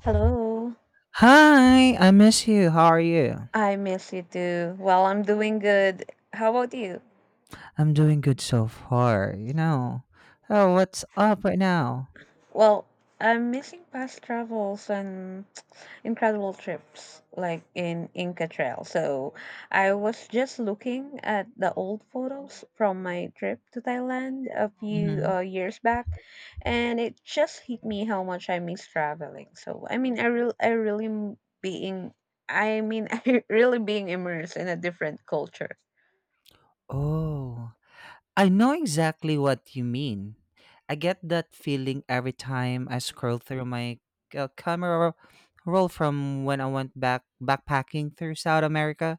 Hello. Hi, I miss you. How are you? I miss you too. Well, I'm doing good. How about you? I'm doing good so far, you know. Oh, what's up right now? Well, I'm missing past travels and incredible trips like in Inca Trail. So I was just looking at the old photos from my trip to Thailand a few Hmm. Years back, and it just hit me how much I miss traveling. So I mean, I really m- being, I mean, I really being immersed in a different culture. Oh, I know exactly what you mean. I get that feeling every time I scroll through my camera roll from when I went back backpacking through South America.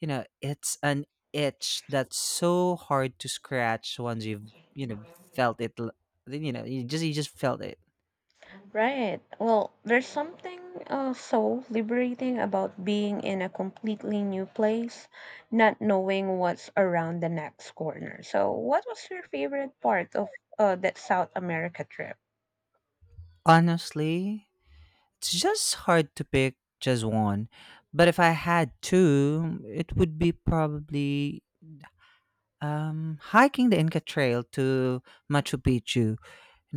You know, it's an itch that's so hard to scratch once you've felt it. Then, you just felt it. Right. Well, there's something so liberating about being in a completely new place, not knowing what's around the next corner. So, what was your favorite part of that South America trip? Honestly, it's just hard to pick just one, but if I had two it would be probably hiking the Inca Trail to Machu Picchu. You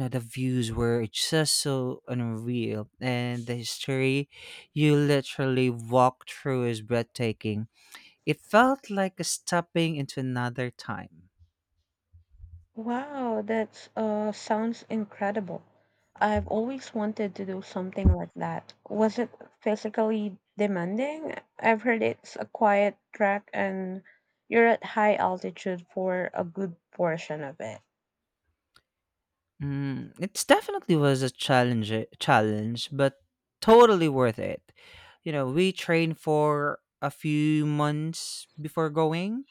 know, the views were just so unreal, and the history you literally walk through is breathtaking. It felt like stepping into another time. Wow, that sounds incredible. I've always wanted to do something like that. Was it physically demanding? I've heard it's a quiet track and you're at high altitude for a good portion of it. Mm, it definitely was a challenge, but totally worth it. You know, we trained for a few months before going,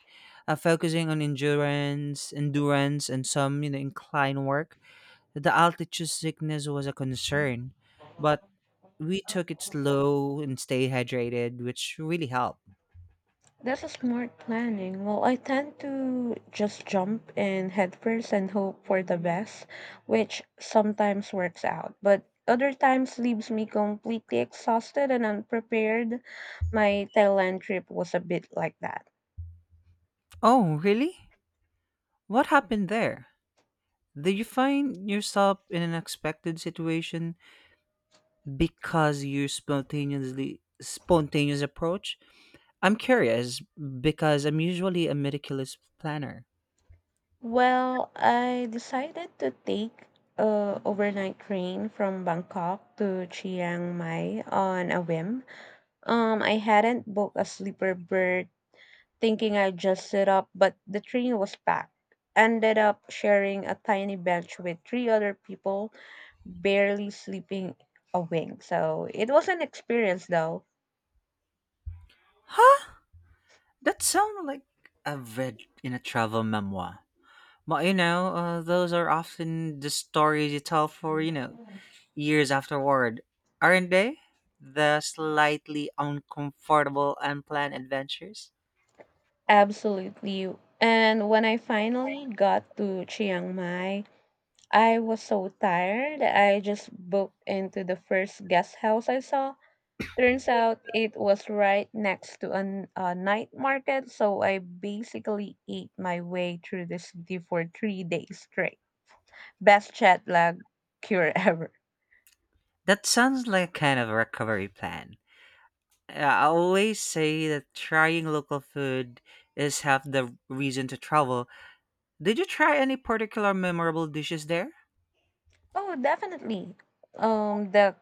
focusing on endurance, and some incline work. The altitude sickness was a concern, but we took it slow and stayed hydrated, which really helped. That's a smart planning. Well, I tend to just jump in headfirst and hope for the best, which sometimes works out, but other times leaves me completely exhausted and unprepared. My Thailand trip was a bit like that. Oh, really? What happened there? Did you find yourself in an unexpected situation because you spontaneous approach? I'm curious because I'm usually a meticulous planner. Well, I decided to take a overnight train from Bangkok to Chiang Mai on a whim. I hadn't booked a sleeper berth, thinking I'd just sit up, but the train was packed. Ended up sharing a tiny bench with three other people, barely sleeping a wink. So it was an experience, though. Huh? That sounds like I've read in a travel memoir. But those are often the stories you tell for years afterward, aren't they? The slightly uncomfortable, unplanned adventures? Absolutely. And when I finally got to Chiang Mai, I was so tired that I just booked into the first guest house I saw. Turns out it was right next to a night market, so I basically ate my way through the city for 3 days straight. Best jet lag cure ever. That sounds like a kind of recovery plan. I always say that trying local food is half the reason to travel. Did you try any particular memorable dishes there? Oh, definitely. The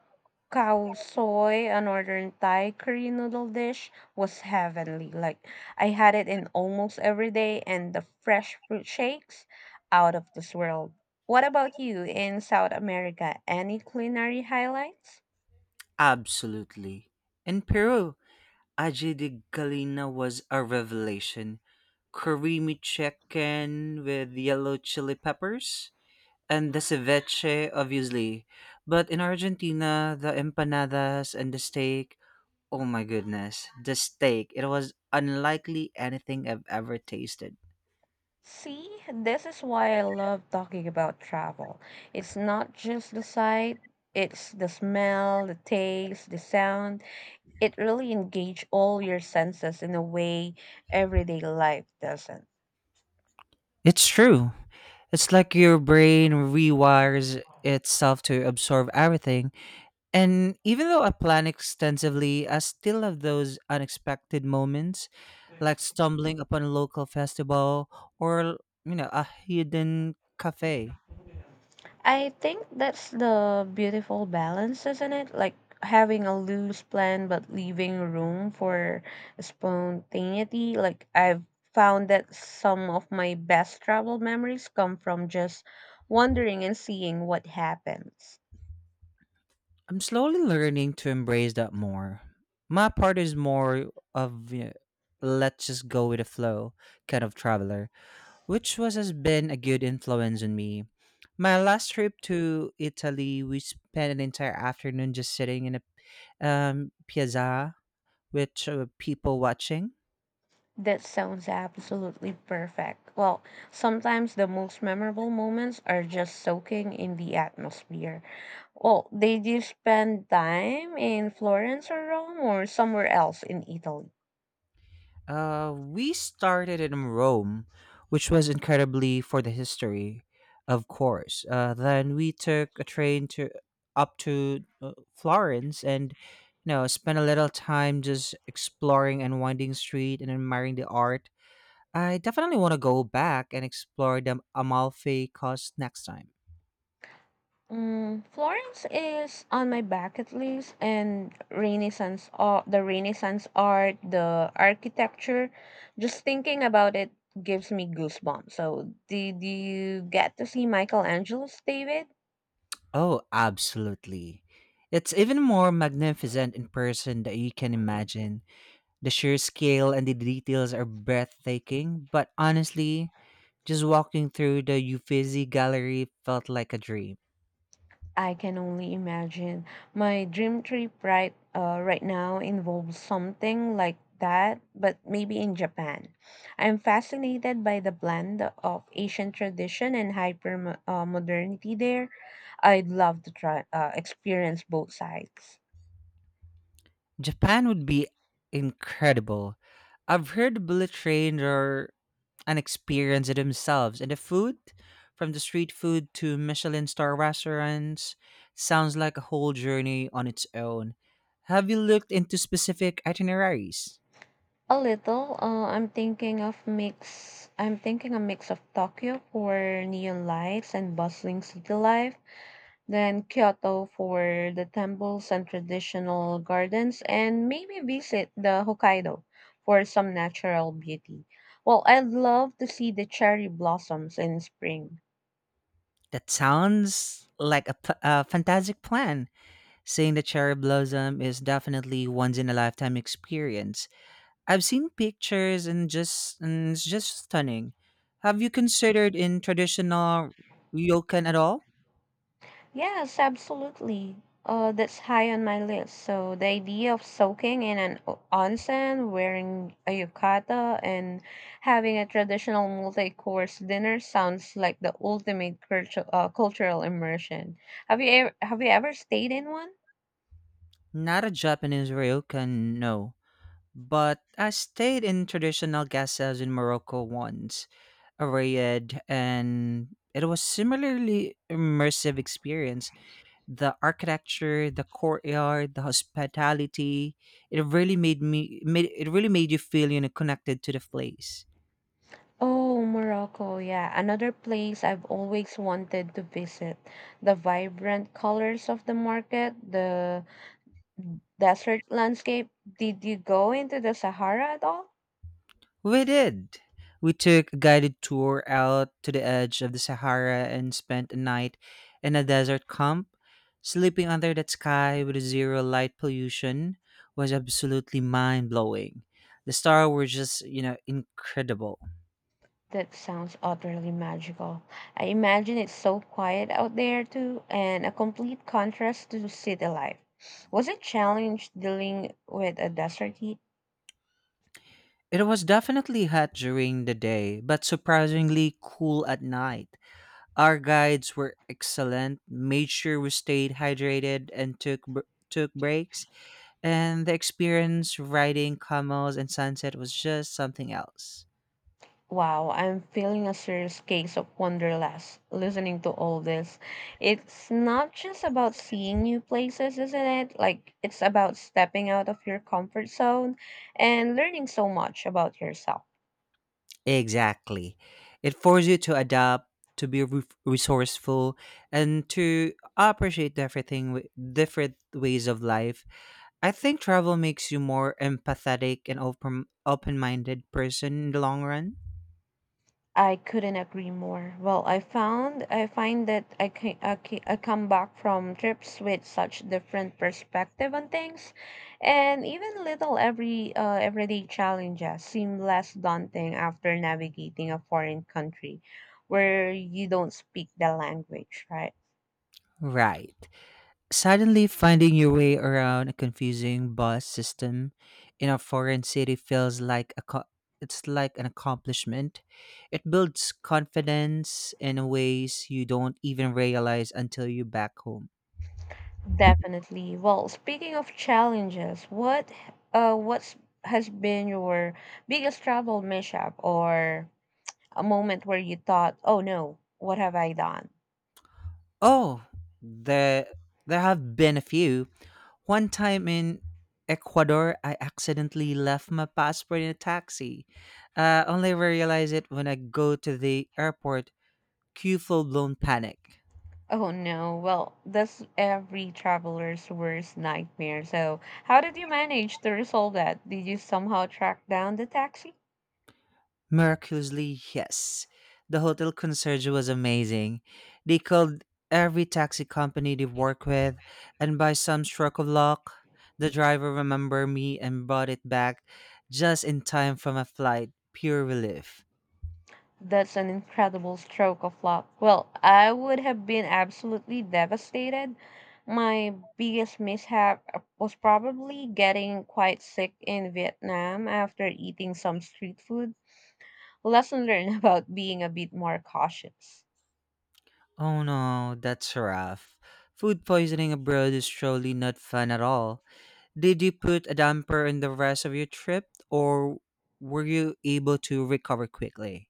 cow soy, a northern Thai curry noodle dish, was heavenly. Like I had it in almost every day, and the fresh fruit shakes out of this world. What about you in South America? Any culinary highlights? Absolutely. In Peru, aji de galina was a revelation. Creamy chicken with yellow chili peppers, and the ceviche, obviously. But in Argentina, the empanadas and the steak, oh my goodness, the steak, it was unlikely anything I've ever tasted. See, this is why I love talking about travel. It's not just the sight, it's the smell, the taste, the sound. It really engage all your senses in a way everyday life doesn't. It's true. It's like your brain rewires itself to absorb everything. And even though I plan extensively, I still have those unexpected moments, like stumbling upon a local festival or, you know, a hidden cafe. I think that's the beautiful balance, isn't it? Like having a loose plan but leaving room for spontaneity. Like I've found that some of my best travel memories come from just wandering and seeing what happens. I'm slowly learning to embrace that more. My part is more of let's just go with the flow kind of traveler, which was has been a good influence on me. My last trip to Italy, we spent an entire afternoon just sitting in a piazza, which people watching. That sounds absolutely perfect. Well, sometimes the most memorable moments are just soaking in the atmosphere. Well, did you spend time in Florence or Rome or somewhere else in Italy? We started in Rome, which was incredibly for the history, of course. Then we took a train to up to Florence and spent a little time just exploring and winding street and admiring the art. I definitely want to go back and explore the Amalfi Coast next time. Mm, Florence is on my bucket list, and the Renaissance art, the architecture. Just thinking about it gives me goosebumps. So, did you get to see Michelangelo's David? Oh, absolutely. It's even more magnificent in person than you can imagine. The sheer scale and the details are breathtaking, but honestly, just walking through the Uffizi Gallery felt like a dream. I can only imagine. My dream trip right now involves something like that, but maybe in Japan. I'm fascinated by the blend of Asian tradition and hyper modernity there. I'd love to try experience both sides. Japan would be incredible. I've heard bullet trains are an experience in themselves, and the food, from the street food to Michelin star restaurants, sounds like a whole journey on its own. Have you looked into specific itineraries? A little. I'm thinking of mix. I'm thinking a mix of Tokyo for neon lights and bustling city life, then Kyoto for the temples and traditional gardens, and maybe visit the Hokkaido for some natural beauty. Well, I'd love to see the cherry blossoms in spring. That sounds like a fantastic plan. Seeing the cherry blossom is definitely once in a lifetime experience. I've seen pictures, and just and it's just stunning. Have you considered in traditional ryokan at all? Yes, absolutely. That's high on my list. So the idea of soaking in an onsen, wearing a yukata, and having a traditional multi-course dinner sounds like the ultimate cultural immersion. Have you ever stayed in one? Not a Japanese ryokan, no. But I stayed in traditional guest house in Morocco once, a Riyadh, and it was similarly immersive experience. The architecture, the courtyard, the hospitality. It really made me made it really made you feel connected to the place. Oh, Morocco, yeah, another place I've always wanted to visit. The vibrant colors of the market, the desert landscape. Did you go into the Sahara at all? We did. We took a guided tour out to the edge of the Sahara and spent a night in a desert camp. Sleeping under that sky with zero light pollution was absolutely mind blowing. The stars were just, you know, incredible. That sounds utterly magical. I imagine it's so quiet out there too, and a complete contrast to city life. Was it challenge dealing with a desert heat? It was definitely hot during the day, but surprisingly cool at night. Our guides were excellent, made sure we stayed hydrated and took breaks, and the experience riding camels and sunset was just something else. Wow, I'm feeling a serious case of wanderlust listening to all this. It's not just about seeing new places, isn't it? Like, it's about stepping out of your comfort zone and learning so much about yourself. Exactly. It forces you to adapt, to be resourceful, and to appreciate everything, with different ways of life. I think travel makes you more empathetic and open minded person in the long run. I couldn't agree more. Well, I find that I can, I ca- I come back from trips with such different perspective on things, and even little everyday challenges seem less daunting after navigating a foreign country where you don't speak the language, right? Right. Suddenly, finding your way around a confusing bus system in a foreign city feels like it's like an accomplishment. It builds confidence in ways you don't even realize until you're back home. Definitely. Well, speaking of challenges, what what's has been your biggest travel mishap or a moment where you thought, oh no, what have I done? Oh, there there have been a few. One time in Ecuador, I accidentally left my passport in a taxi. Only realize it when I go to the airport. Cue full blown panic. Oh no, well, that's every traveler's worst nightmare. So, how did you manage to resolve that? Did you somehow track down the taxi? Miraculously, yes. The hotel concierge was amazing. They called every taxi company they work with, and by some stroke of luck, the driver remembered me and brought it back just in time from a flight. Pure relief. That's an incredible stroke of luck. Well, I would have been absolutely devastated. My biggest mishap was probably getting quite sick in Vietnam after eating some street food. Lesson learned about being a bit more cautious. Oh no, that's rough. Food poisoning abroad is surely not fun at all. Did you put a damper in the rest of your trip, or were you able to recover quickly?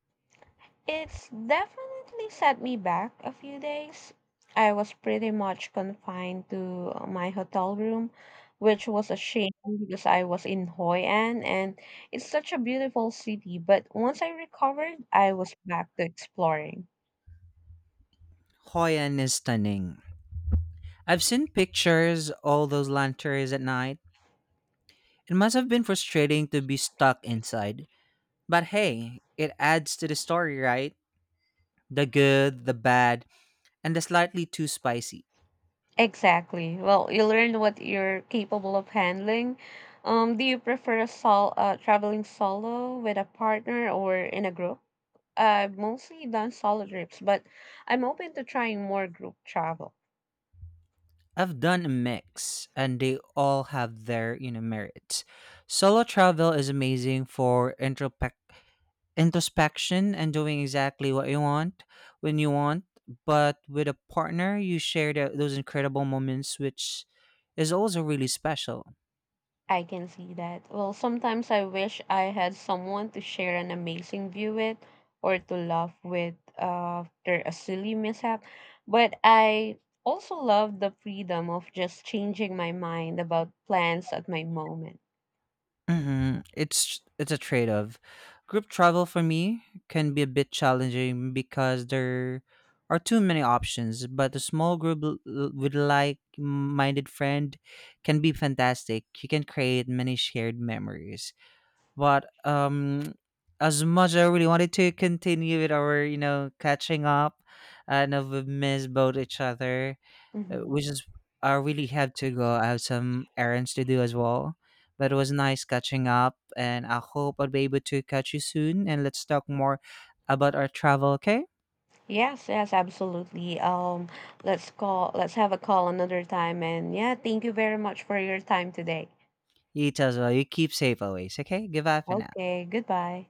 It's definitely set me back a few days. I was pretty much confined to my hotel room, which was a shame because I was in Hoi An and it's such a beautiful city. But once I recovered, I was back to exploring. Hoi An is stunning. I've seen pictures, all those lanterns at night. It must have been frustrating to be stuck inside. But hey, it adds to the story, right? The good, the bad, and the slightly too spicy. Exactly. Well, you learn what you're capable of handling. Do you prefer a traveling solo with a partner or in a group? I've mostly done solo trips, but I'm open to trying more group travel. I've done a mix and they all have their, you know, merits. Solo travel is amazing for introspection and doing exactly what you want when you want, but with a partner you share those incredible moments, which is also really special. I can see that. Well, sometimes I wish I had someone to share an amazing view with or to laugh with after a silly mishap. But I also love the freedom of just changing my mind about plans at my moment. Hmm. It's a trade-off. Group travel for me can be a bit challenging because there are too many options, but a small group with like-minded friend can be fantastic. You can create many shared memories. But as much I really wanted to continue with our, you know, catching up, and we miss both each other. Hmm. We just I really have to go. I have some errands to do as well. But it was nice catching up, and I hope I'll be able to catch you soon. And let's talk more about our travel. Okay? Yes, yes, absolutely. Let's let's have a call another time. And yeah, thank you very much for your time today. You too as well. You keep safe always. Okay? Goodbye for now. Okay, goodbye.